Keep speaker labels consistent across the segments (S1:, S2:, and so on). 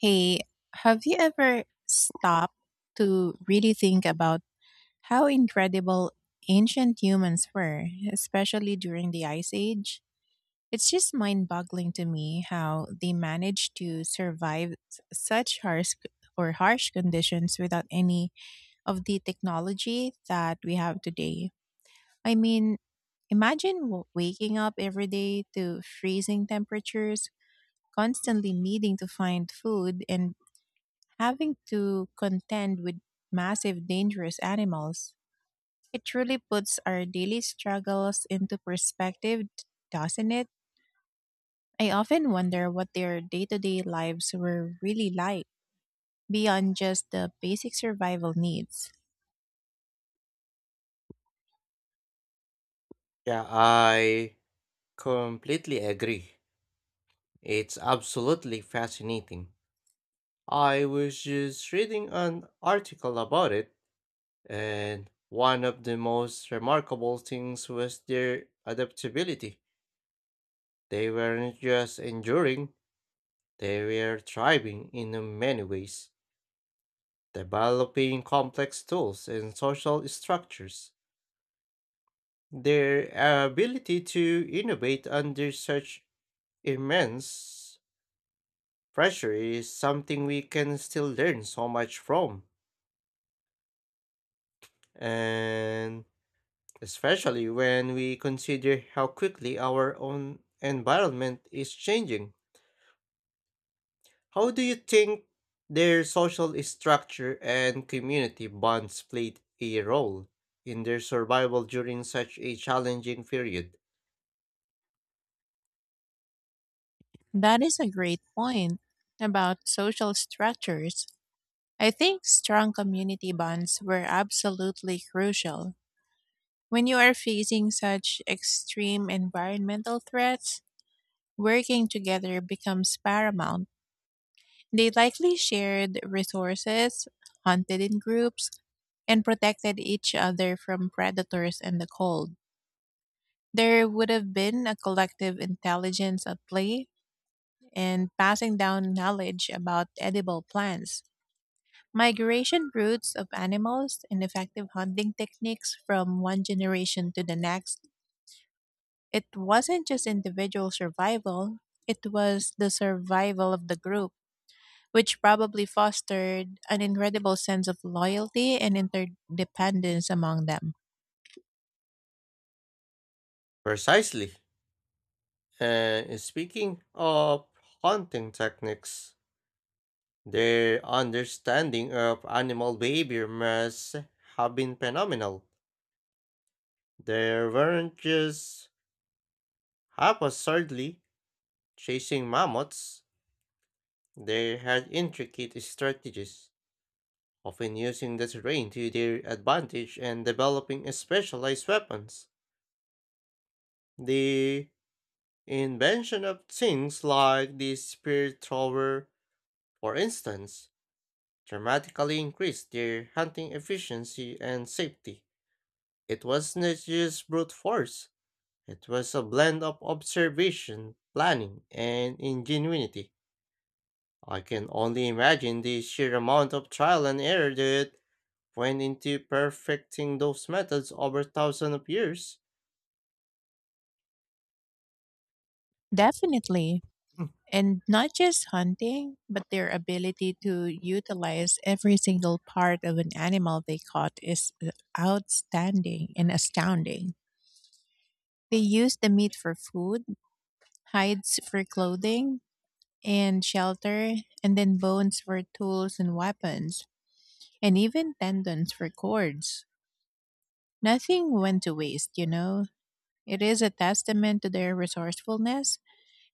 S1: Hey, have you ever stopped to really think about how incredible ancient humans were, especially during the Ice Age? It's just mind boggling to me how they managed to survive such harsh c- or harsh conditions without any of the technology that we have today. I mean, imagine waking up every day to freezing temperatures, constantly needing to find food and having to contend with massive dangerous animals. It truly puts our daily struggles into perspective, doesn't it? I often wonder what their day to day lives were really like beyond just the basic survival needs.
S2: Yeah, I completely agree. It's absolutely fascinating. I was just reading an article about it, and one of the most remarkable things was their adaptability. They weren't just enduring, they were thriving in many ways, developing complex tools and social structures. Their ability to innovate under such immense pressure is something we can still learn so much from, and especially when we consider how quickly our own environment is changing. How do you think their social structure and community bonds played a role in their survival during such a challenging period?
S1: That is a great point about social structures. I think strong community bonds were absolutely crucial. When you are facing such extreme environmental threats, working together becomes paramount. They likely shared resources, hunted in groups, and protected each other from predators and the cold. There would have been a collective intelligence at play, and passing down knowledge about edible plants, migration routes of animals, and effective hunting techniques from one generation to the next. It wasn't just individual survival, it was the survival of the group, which probably fostered an incredible sense of loyalty and interdependence among them.
S2: Precisely. And speaking of hunting techniques, their understanding of animal behavior must have been phenomenal. They weren't just half absurdly chasing mammoths, they had intricate strategies, often using the terrain to their advantage and developing specialized weapons. The invention of things like the spear thrower, for instance, dramatically increased their hunting efficiency and safety. It was not just brute force, it was a blend of observation, planning, and ingenuity. I can only imagine the sheer amount of trial and error that went into perfecting those methods over thousands of years.
S1: Definitely.
S2: Mm.
S1: And not just hunting, but their ability to utilize every single part of an animal they caught is outstanding and astounding. They use the meat for food, hides for clothing and shelter, and then bones for tools and weapons, and even tendons for cords. Nothing went to waste. It is a testament to their resourcefulness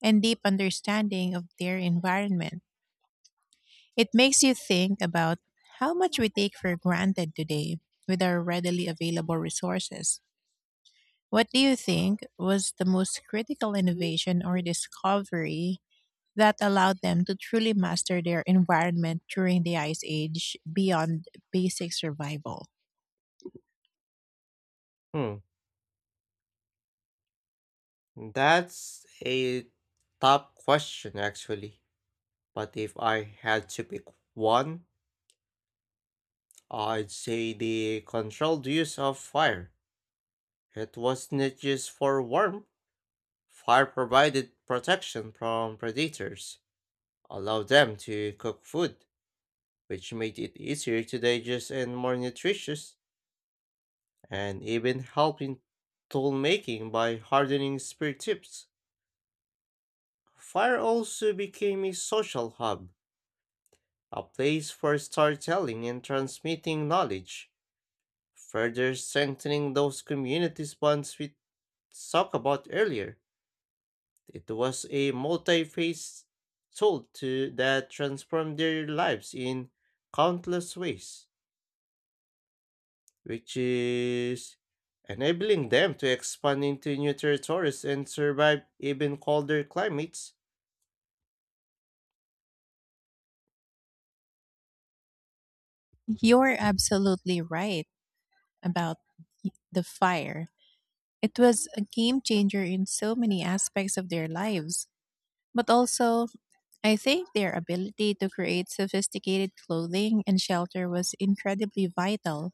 S1: and deep understanding of their environment. It makes you think about how much we take for granted today with our readily available resources. What do you think was the most critical innovation or discovery that allowed them to truly master their environment during the Ice Age beyond basic survival?
S2: Hmm, that's a tough question actually. But if I had to pick one, I'd say the controlled use of fire. It was not just for warmth. Fire provided protection from predators, allowed them to cook food, which made it easier to digest and more nutritious, and even helping tool making by hardening spear tips. Fire also became a social hub, a place for storytelling and transmitting knowledge, further strengthening those communities bonds we talked about earlier. It was a multi-phase tool to that transformed their lives in countless ways, which is enabling them to expand into new territories and survive even colder climates.
S1: You're absolutely right about the fire. It was a game changer in so many aspects of their lives. But also, I think their ability to create sophisticated clothing and shelter was incredibly vital.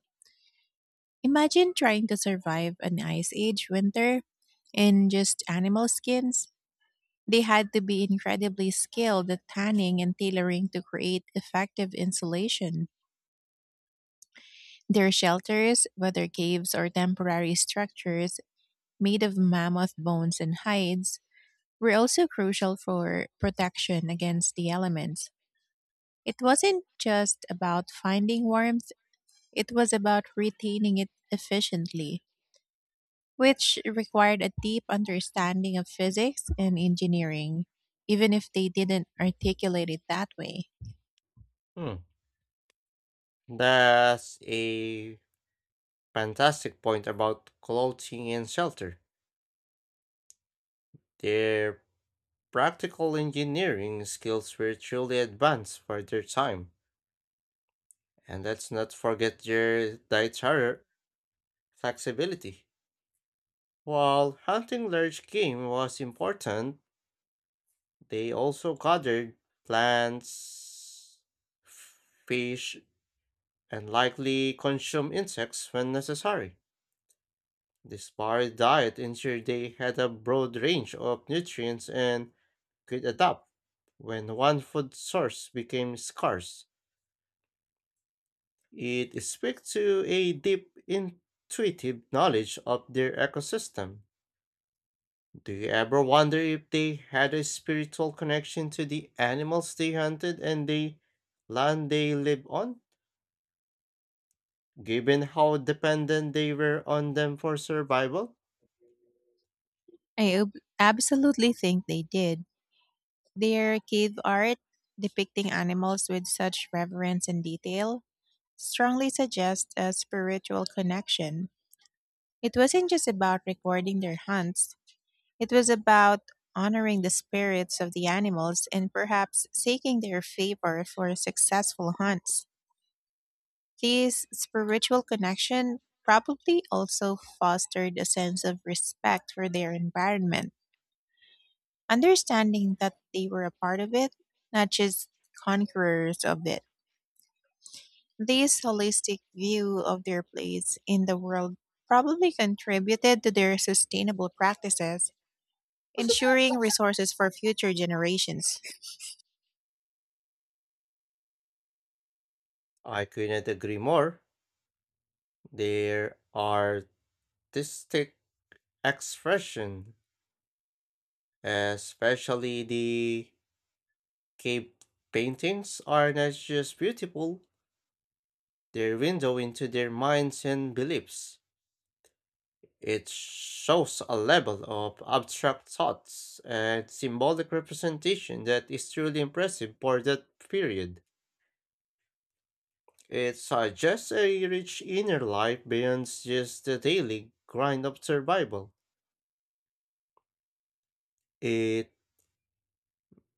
S1: Imagine trying to survive an ice age winter in just animal skins. They had to be incredibly skilled at tanning and tailoring to create effective insulation. Their shelters, whether caves or temporary structures made of mammoth bones and hides, were also crucial for protection against the elements. It wasn't just about finding warmth, it was about retaining it efficiently, which required a deep understanding of physics and engineering, even if they didn't articulate it that way.
S2: Hmm. That's a fantastic point about clothing and shelter. Their practical engineering skills were truly advanced for their time, and let's not forget their dietary flexibility. While hunting large game was important, they also gathered plants, fish, and likely consumed insects when necessary. This varied diet ensured they had a broad range of nutrients and could adapt when one food source became scarce. It speaks to a deep intuitive knowledge of their ecosystem. Do you ever wonder if they had a spiritual connection to the animals they hunted and the land they lived on, given how dependent they were on them for survival?
S1: I absolutely think they did. Their cave art, depicting animals with such reverence and detail, strongly suggests a spiritual connection. It wasn't just about recording their hunts, it was about honoring the spirits of the animals and perhaps seeking their favor for successful hunts. This spiritual connection probably also fostered a sense of respect for their environment, understanding that they were a part of it, not just conquerors of it. This holistic view of their place in the world probably contributed to their sustainable practices, ensuring resources for future generations.
S2: I couldn't agree more. Their artistic expression, especially the cave paintings, are not just beautiful, they're a window into their minds and beliefs. It shows a level of abstract thoughts and symbolic representation that is truly impressive for that period. It suggests a rich inner life beyond just the daily grind of survival. It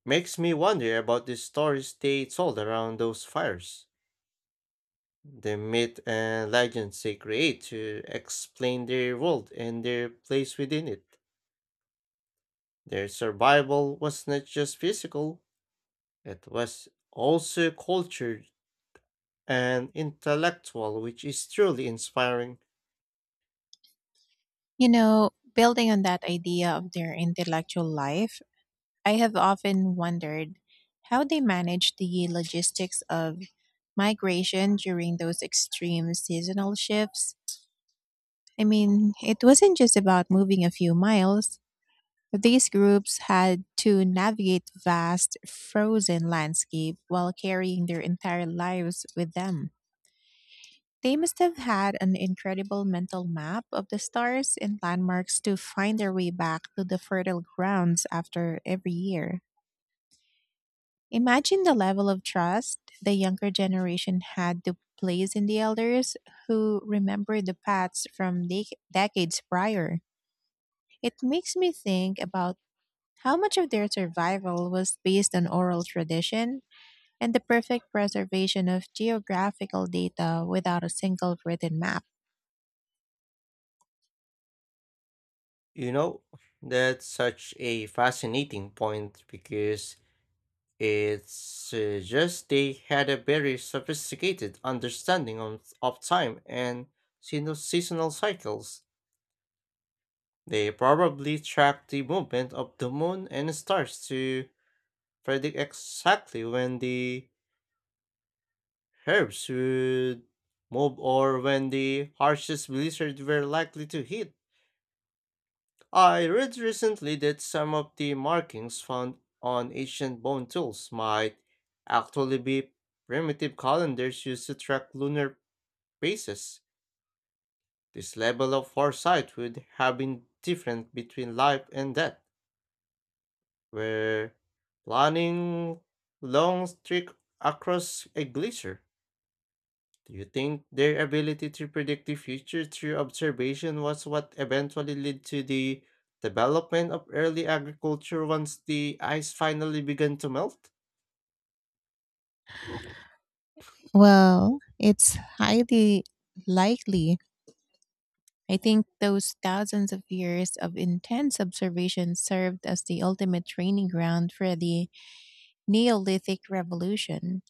S2: makes me wonder about the stories they told around those fires, the myth and legends they create to explain their world and their place within it. Their survival was not just physical, it was also cultured and intellectual, which is truly inspiring.
S1: Building on that idea of their intellectual life, I have often wondered how they managed the logistics of migration during those extreme seasonal shifts. I mean, it wasn't just about moving a few miles. These groups had to navigate vast, frozen landscape while carrying their entire lives with them. They must have had an incredible mental map of the stars and landmarks to find their way back to the fertile grounds after every year. Imagine the level of trust the younger generation had to place in the elders who remember the paths from decades prior. It makes me think about how much of their survival was based on oral tradition and the perfect preservation of geographical data without a single written map.
S2: You know, that's such a fascinating point because it suggests they had a very sophisticated understanding of time and seasonal cycles. They probably tracked the movement of the moon and stars to predict exactly when the herbs would move or when the harshest blizzards were likely to hit. I read recently that some of the markings found on ancient bone tools might actually be primitive calendars used to track lunar phases. This level of foresight would have been different between life and death, where planning long trek across a glacier. Do you think their ability to predict the future through observation was what eventually led to the development of early agriculture once the ice finally began to melt?
S1: Well, it's highly likely. I think those thousands of years of intense observation served as the ultimate training ground for the Neolithic Revolution.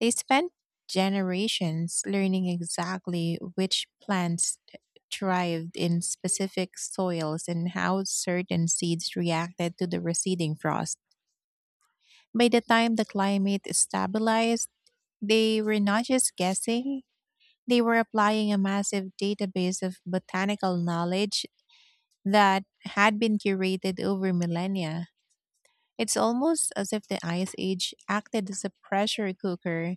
S1: They spent generations learning exactly which plants thrived in specific soils and how certain seeds reacted to the receding frost. By the time the climate stabilized, they were not just guessing, they were applying a massive database of botanical knowledge that had been curated over millennia. It's almost as if the Ice Age acted as a pressure cooker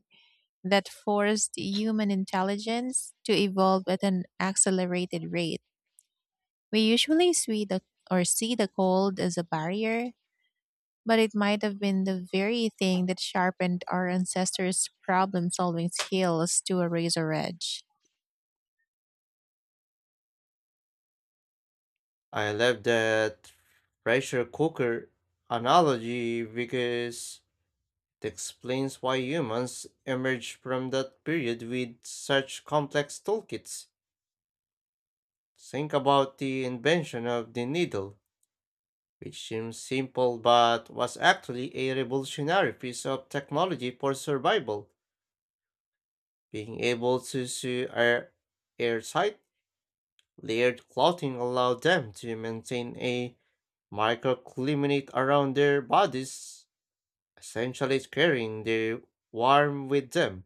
S1: that forced human intelligence to evolve at an accelerated rate. We usually see the cold as a barrier, but it might have been the very thing that sharpened our ancestors' problem-solving skills to a razor edge.
S2: I love that pressure cooker analogy because it explains why humans emerged from that period with such complex toolkits. Think about the invention of the needle, which seems simple but was actually a revolutionary piece of technology for survival. Being able to sew airtight, layered clothing allowed them to maintain a microclimate around their bodies, essentially carrying their warmth with them.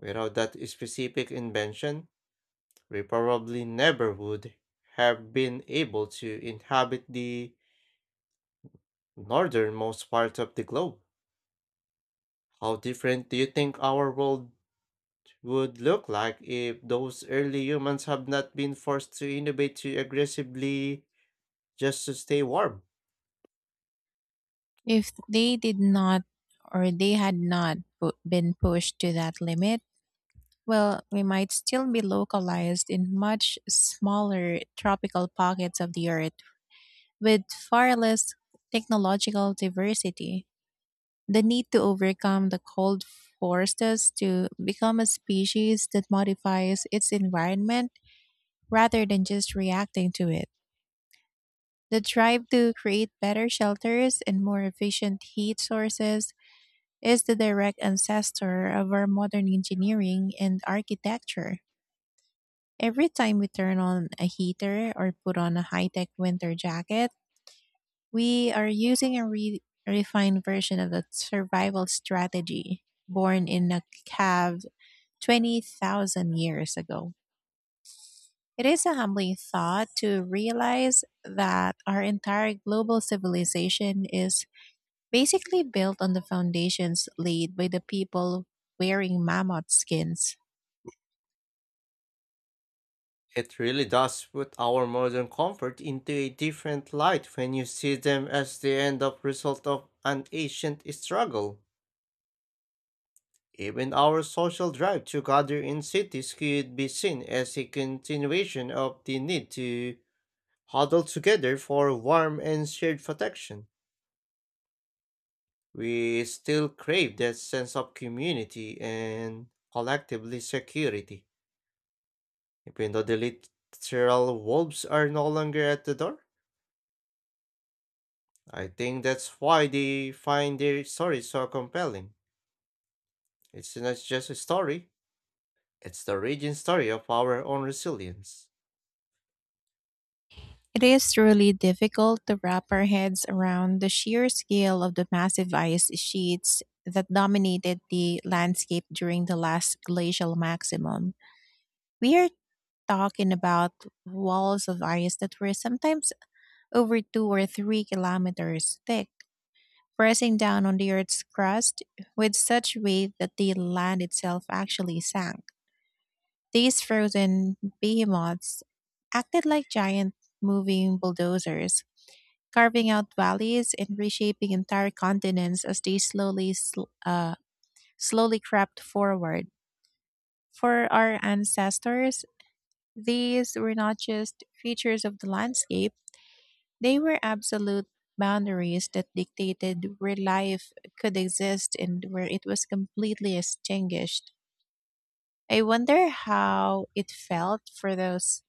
S2: Without that specific invention, we probably never would have been able to inhabit the northernmost part of the globe. How different do you think our world would look like if those early humans have not been forced to innovate too aggressively just to stay warm?
S1: If they had not been pushed to that limit, well, we might still be localized in much smaller tropical pockets of the earth with far less technological diversity. The need to overcome the cold forced us to become a species that modifies its environment rather than just reacting to it. The drive to create better shelters and more efficient heat sources is the direct ancestor of our modern engineering and architecture. Every time we turn on a heater or put on a high tech winter jacket, we are using a refined version of a survival strategy born in a cave 20,000 years ago. It is a humbling thought to realize that our entire global civilization is basically built on the foundations laid by the people wearing mammoth skins.
S2: It really does put our modern comfort into a different light when you see them as the end of result of an ancient struggle. Even our social drive to gather in cities could be seen as a continuation of the need to huddle together for warmth and shared protection. We still crave that sense of community and collectively security. Even though the literal wolves are no longer at the door, I think that's why they find their story so compelling. It's not just a story, it's the origin story of our own resilience.
S1: It is really difficult to wrap our heads around the sheer scale of the massive ice sheets that dominated the landscape during the last glacial maximum. We are talking about walls of ice that were sometimes over 2 or 3 kilometers thick, pressing down on the Earth's crust with such weight that the land itself actually sank. These frozen behemoths acted like giant moving bulldozers, carving out valleys and reshaping entire continents as they slowly crept forward. For our ancestors, these were not just features of the landscape; they were absolute boundaries that dictated where life could exist and where it was completely extinguished. I wonder how it felt for those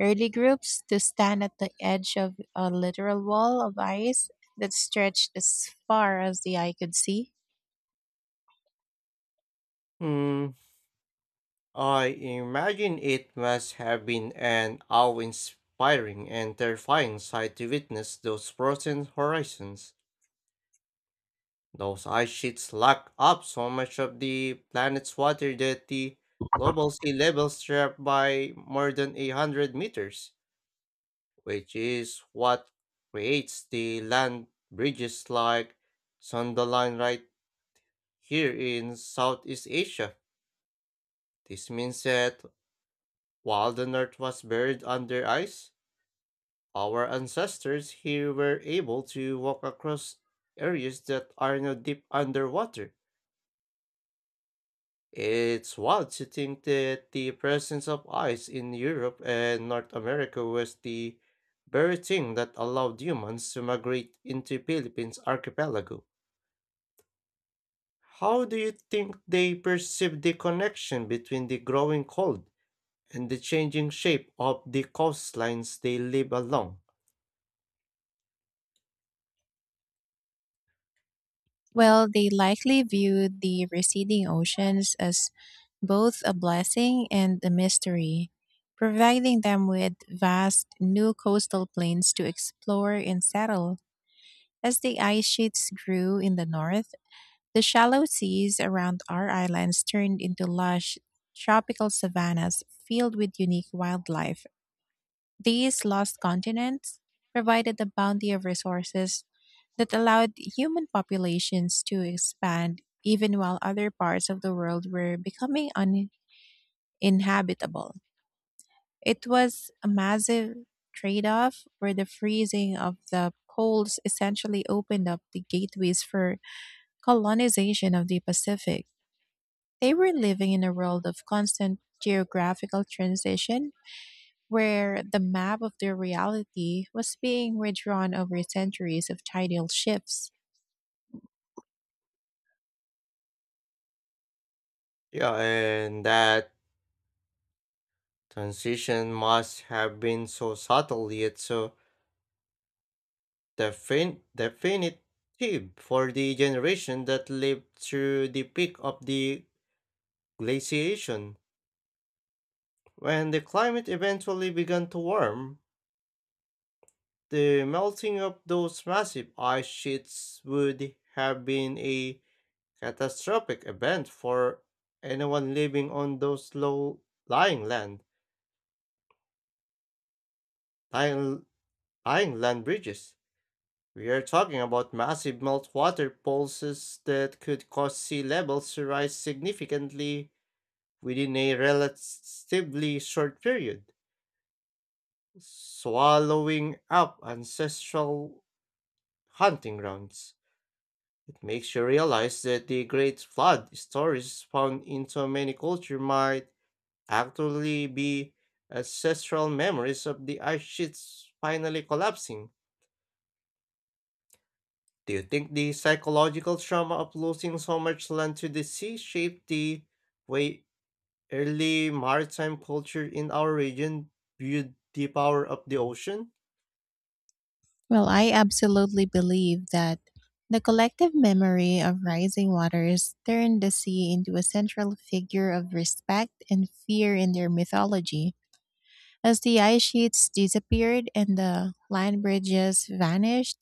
S1: early groups to stand at the edge of a literal wall of ice that stretched as far as the eye could see.
S2: Hmm, I imagine it must have been an awe inspiring and terrifying sight to witness those frozen horizons. Those ice sheets lock up so much of the planet's water that the global sea levels drop by more than 800 meters, which is what creates the land bridges like Sundaline right here in Southeast Asia. This means that while the North was buried under ice, our ancestors here were able to walk across areas that are now deep underwater. It's wild to think that the presence of ice in Europe and North America was the very thing that allowed humans to migrate into Philippines archipelago. How do you think they perceived the connection between the growing cold and the changing shape of the coastlines they live along?
S1: Well, they likely viewed the receding oceans as both a blessing and a mystery, providing them with vast new coastal plains to explore and settle. As the ice sheets grew in the north, the shallow seas around our islands turned into lush tropical savannas filled with unique wildlife. These lost continents provided a bounty of resources that allowed human populations to expand even while other parts of the world were becoming uninhabitable. It was a massive trade off, where the freezing of the poles essentially opened up the gateways for colonization of the Pacific. They were living in a world of constant geographical transition, where the map of their reality was being redrawn over centuries of tidal shifts.
S2: Yeah, and that transition must have been so subtle yet so definitive for the generation that lived through the peak of the glaciation. When the climate eventually began to warm, the melting of those massive ice sheets would have been a catastrophic event for anyone living on those low lying lying, land bridges. We are talking about massive meltwater pulses that could cause sea levels to rise significantly within a relatively short period, swallowing up ancestral hunting grounds. It makes you realize that the great flood stories found in so many cultures might actually be ancestral memories of the ice sheets finally collapsing. Do you think the psychological trauma of losing so much land to the sea shaped the way early maritime culture in our region viewed the power of the ocean?
S1: Well, I absolutely believe that the collective memory of rising waters turned the sea into a central figure of respect and fear in their mythology. As the ice sheets disappeared and the land bridges vanished,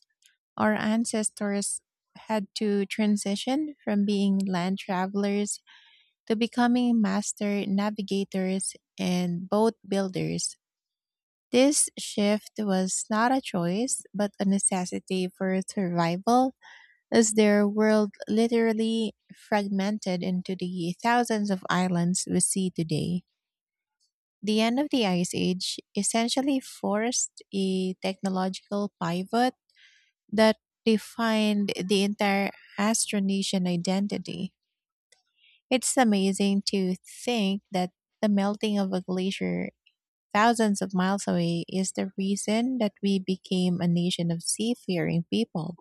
S1: our ancestors had to transition from being land travelers to becoming master navigators and boat builders. This shift was not a choice, but a necessity for survival, as their world literally fragmented into the thousands of islands we see today. The end of the Ice Age essentially forced a technological pivot that defined the entire Austronesian identity. It's amazing to think that the melting of a glacier thousands of miles away is the reason that we became a nation of seafaring people.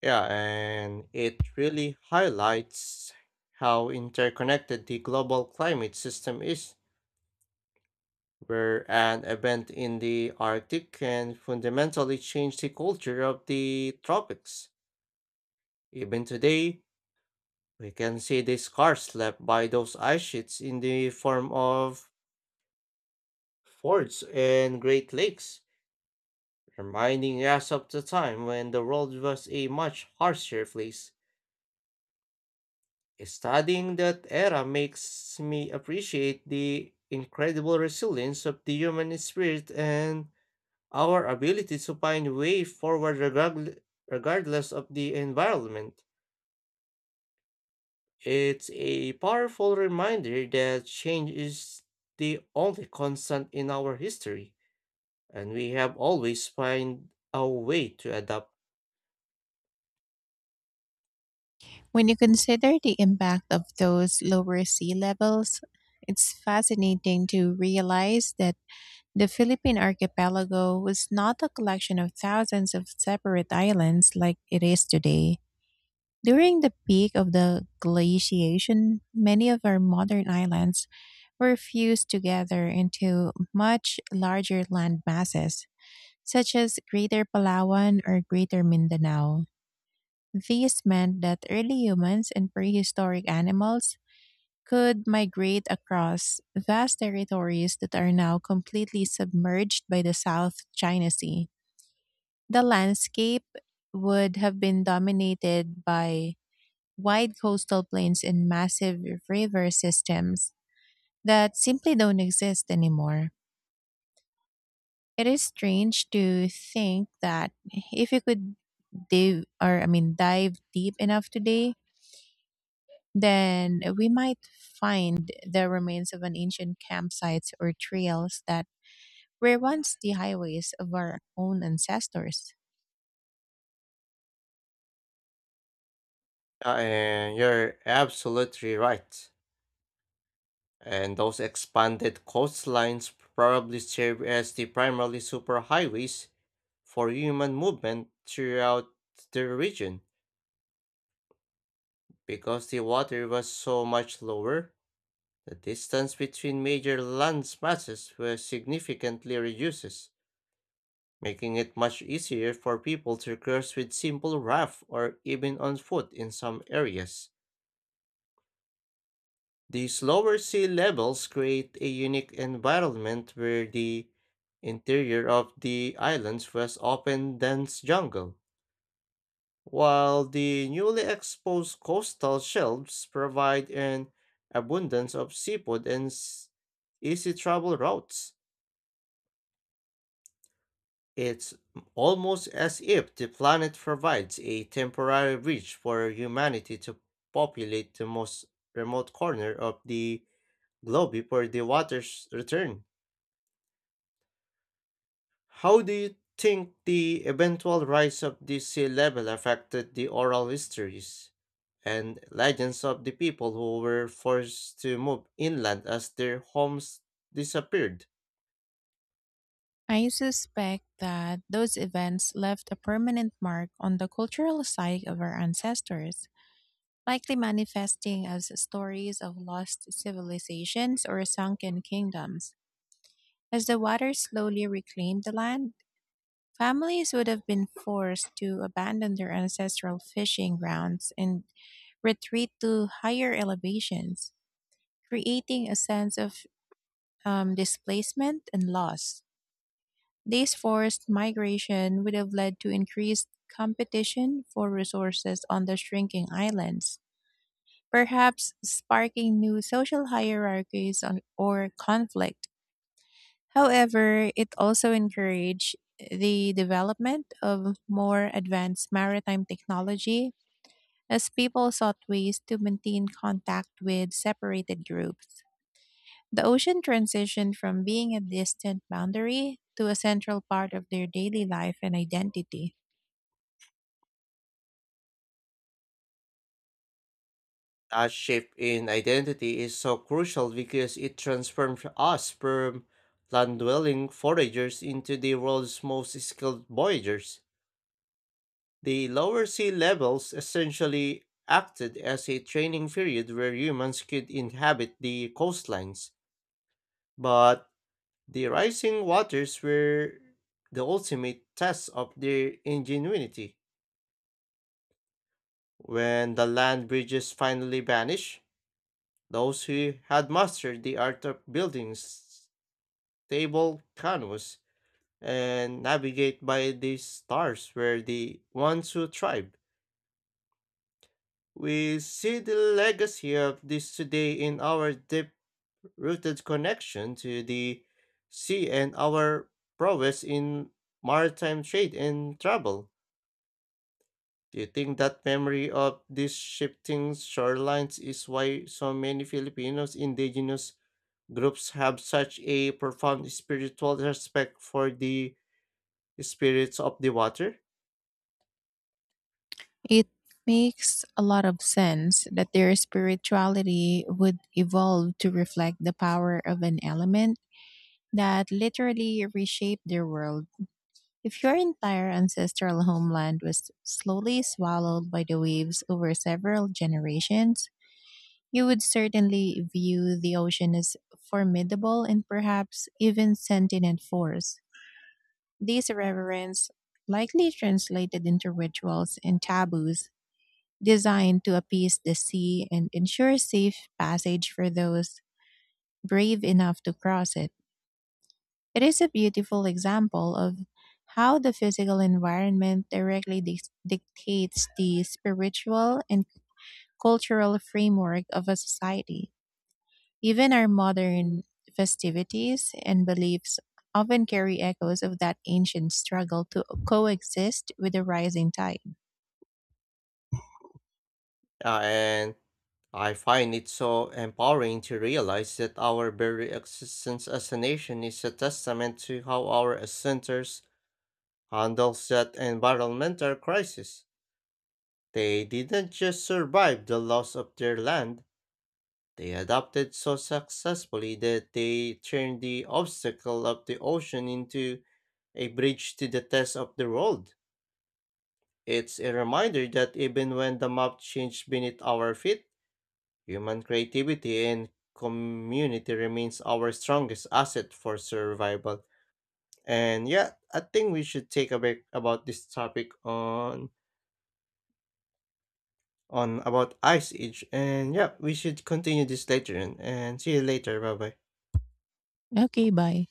S2: Yeah, and it really highlights how interconnected the global climate system is, where an event in the Arctic can fundamentally change the culture of the tropics. Even today, we can see the scars left by those ice sheets in the form of forts and great lakes, reminding us of the time when the world was a much harsher place. Studying that era makes me appreciate the incredible resilience of the human spirit and our ability to find way forward regardless of the environment. It's a powerful reminder that change is the only constant in our history, and we have always find a way to adapt.
S1: When you consider the impact of those lower sea levels, it's fascinating to realize that the Philippine archipelago was not a collection of thousands of separate islands like it is today. During the peak of the glaciation, many of our modern islands were fused together into much larger land masses, such as Greater Palawan or Greater Mindanao. This meant that early humans and prehistoric animals could migrate across vast territories that are now completely submerged by the South China Sea. The landscape would have been dominated by wide coastal plains and massive river systems that simply don't exist anymore. It is strange to think that if we could dive or I mean, dive deep enough today, then we might find the remains of an ancient campsites or trails that were once the highways of our own ancestors.
S2: And you're absolutely right. And those expanded coastlines probably serve as the primary superhighways for human movement throughout the region. Because the water was so much lower, the distance between major land masses was significantly reduced, making it much easier for people to cross with simple raft or even on foot in some areas. These lower sea levels create a unique environment where the interior of the islands was often dense jungle, while the newly exposed coastal shelves provide an abundance of seafood and easy travel routes. It's almost as if the planet provides a temporary bridge for humanity to populate the most remote corner of the globe before the waters return. How do you think the eventual rise of the sea level affected the oral histories and legends of the people who were forced to move inland as their homes disappeared?
S1: I suspect that those events left a permanent mark on the cultural psyche of our ancestors, likely manifesting as stories of lost civilizations or sunken kingdoms. As the water slowly reclaimed the land, families would have been forced to abandon their ancestral fishing grounds and retreat to higher elevations, creating a sense of displacement and loss. This forced migration would have led to increased competition for resources on the shrinking islands, perhaps sparking new social hierarchies or conflict. However, it also encouraged the development of more advanced maritime technology as people sought ways to maintain contact with separated groups. The ocean transitioned from being a distant boundary to a central part of their daily life and identity.
S2: That shift in identity is so crucial because it transforms us from land dwelling foragers into the world's most skilled voyagers. The lower sea levels essentially acted as a training period where humans could inhabit the coastlines. But the rising waters were the ultimate test of their ingenuity. When the land bridges finally vanished, those who had mastered the art of building stable canoes and navigate by the stars were the ones who thrived. We see the legacy of this today in our deep rooted connection to the sea and our prowess in maritime trade and travel. Do you think that memory of these shifting shorelines is why so many Filipinos indigenous groups have such a profound spiritual respect for the spirits of the water?
S1: It makes a lot of sense that their spirituality would evolve to reflect the power of an element that literally reshaped their world. If your entire ancestral homeland was slowly swallowed by the waves over several generations, you would certainly view the ocean as formidable and perhaps even sentient force. This reverence likely translated into rituals and taboos designed to appease the sea and ensure safe passage for those brave enough to cross it. It is a beautiful example of how the physical environment directly dictates the spiritual and cultural framework of a society. Even our modern festivities and beliefs often carry echoes of that ancient struggle to coexist with the rising tide.
S2: And I find it so empowering to realize that our very existence as a nation is a testament to how our ancestors handles that environmental crisis. They didn't just survive the loss of their land. They adapted so successfully that they turned the obstacle of the ocean into a bridge to the test of the world. It's a reminder that even when the map changed beneath our feet, human creativity and community remains our strongest asset for survival. And yeah, I think we should take a break about this topic on about Ice Age. And yeah, we should continue this later and see you later. Bye bye.
S1: Okay, bye.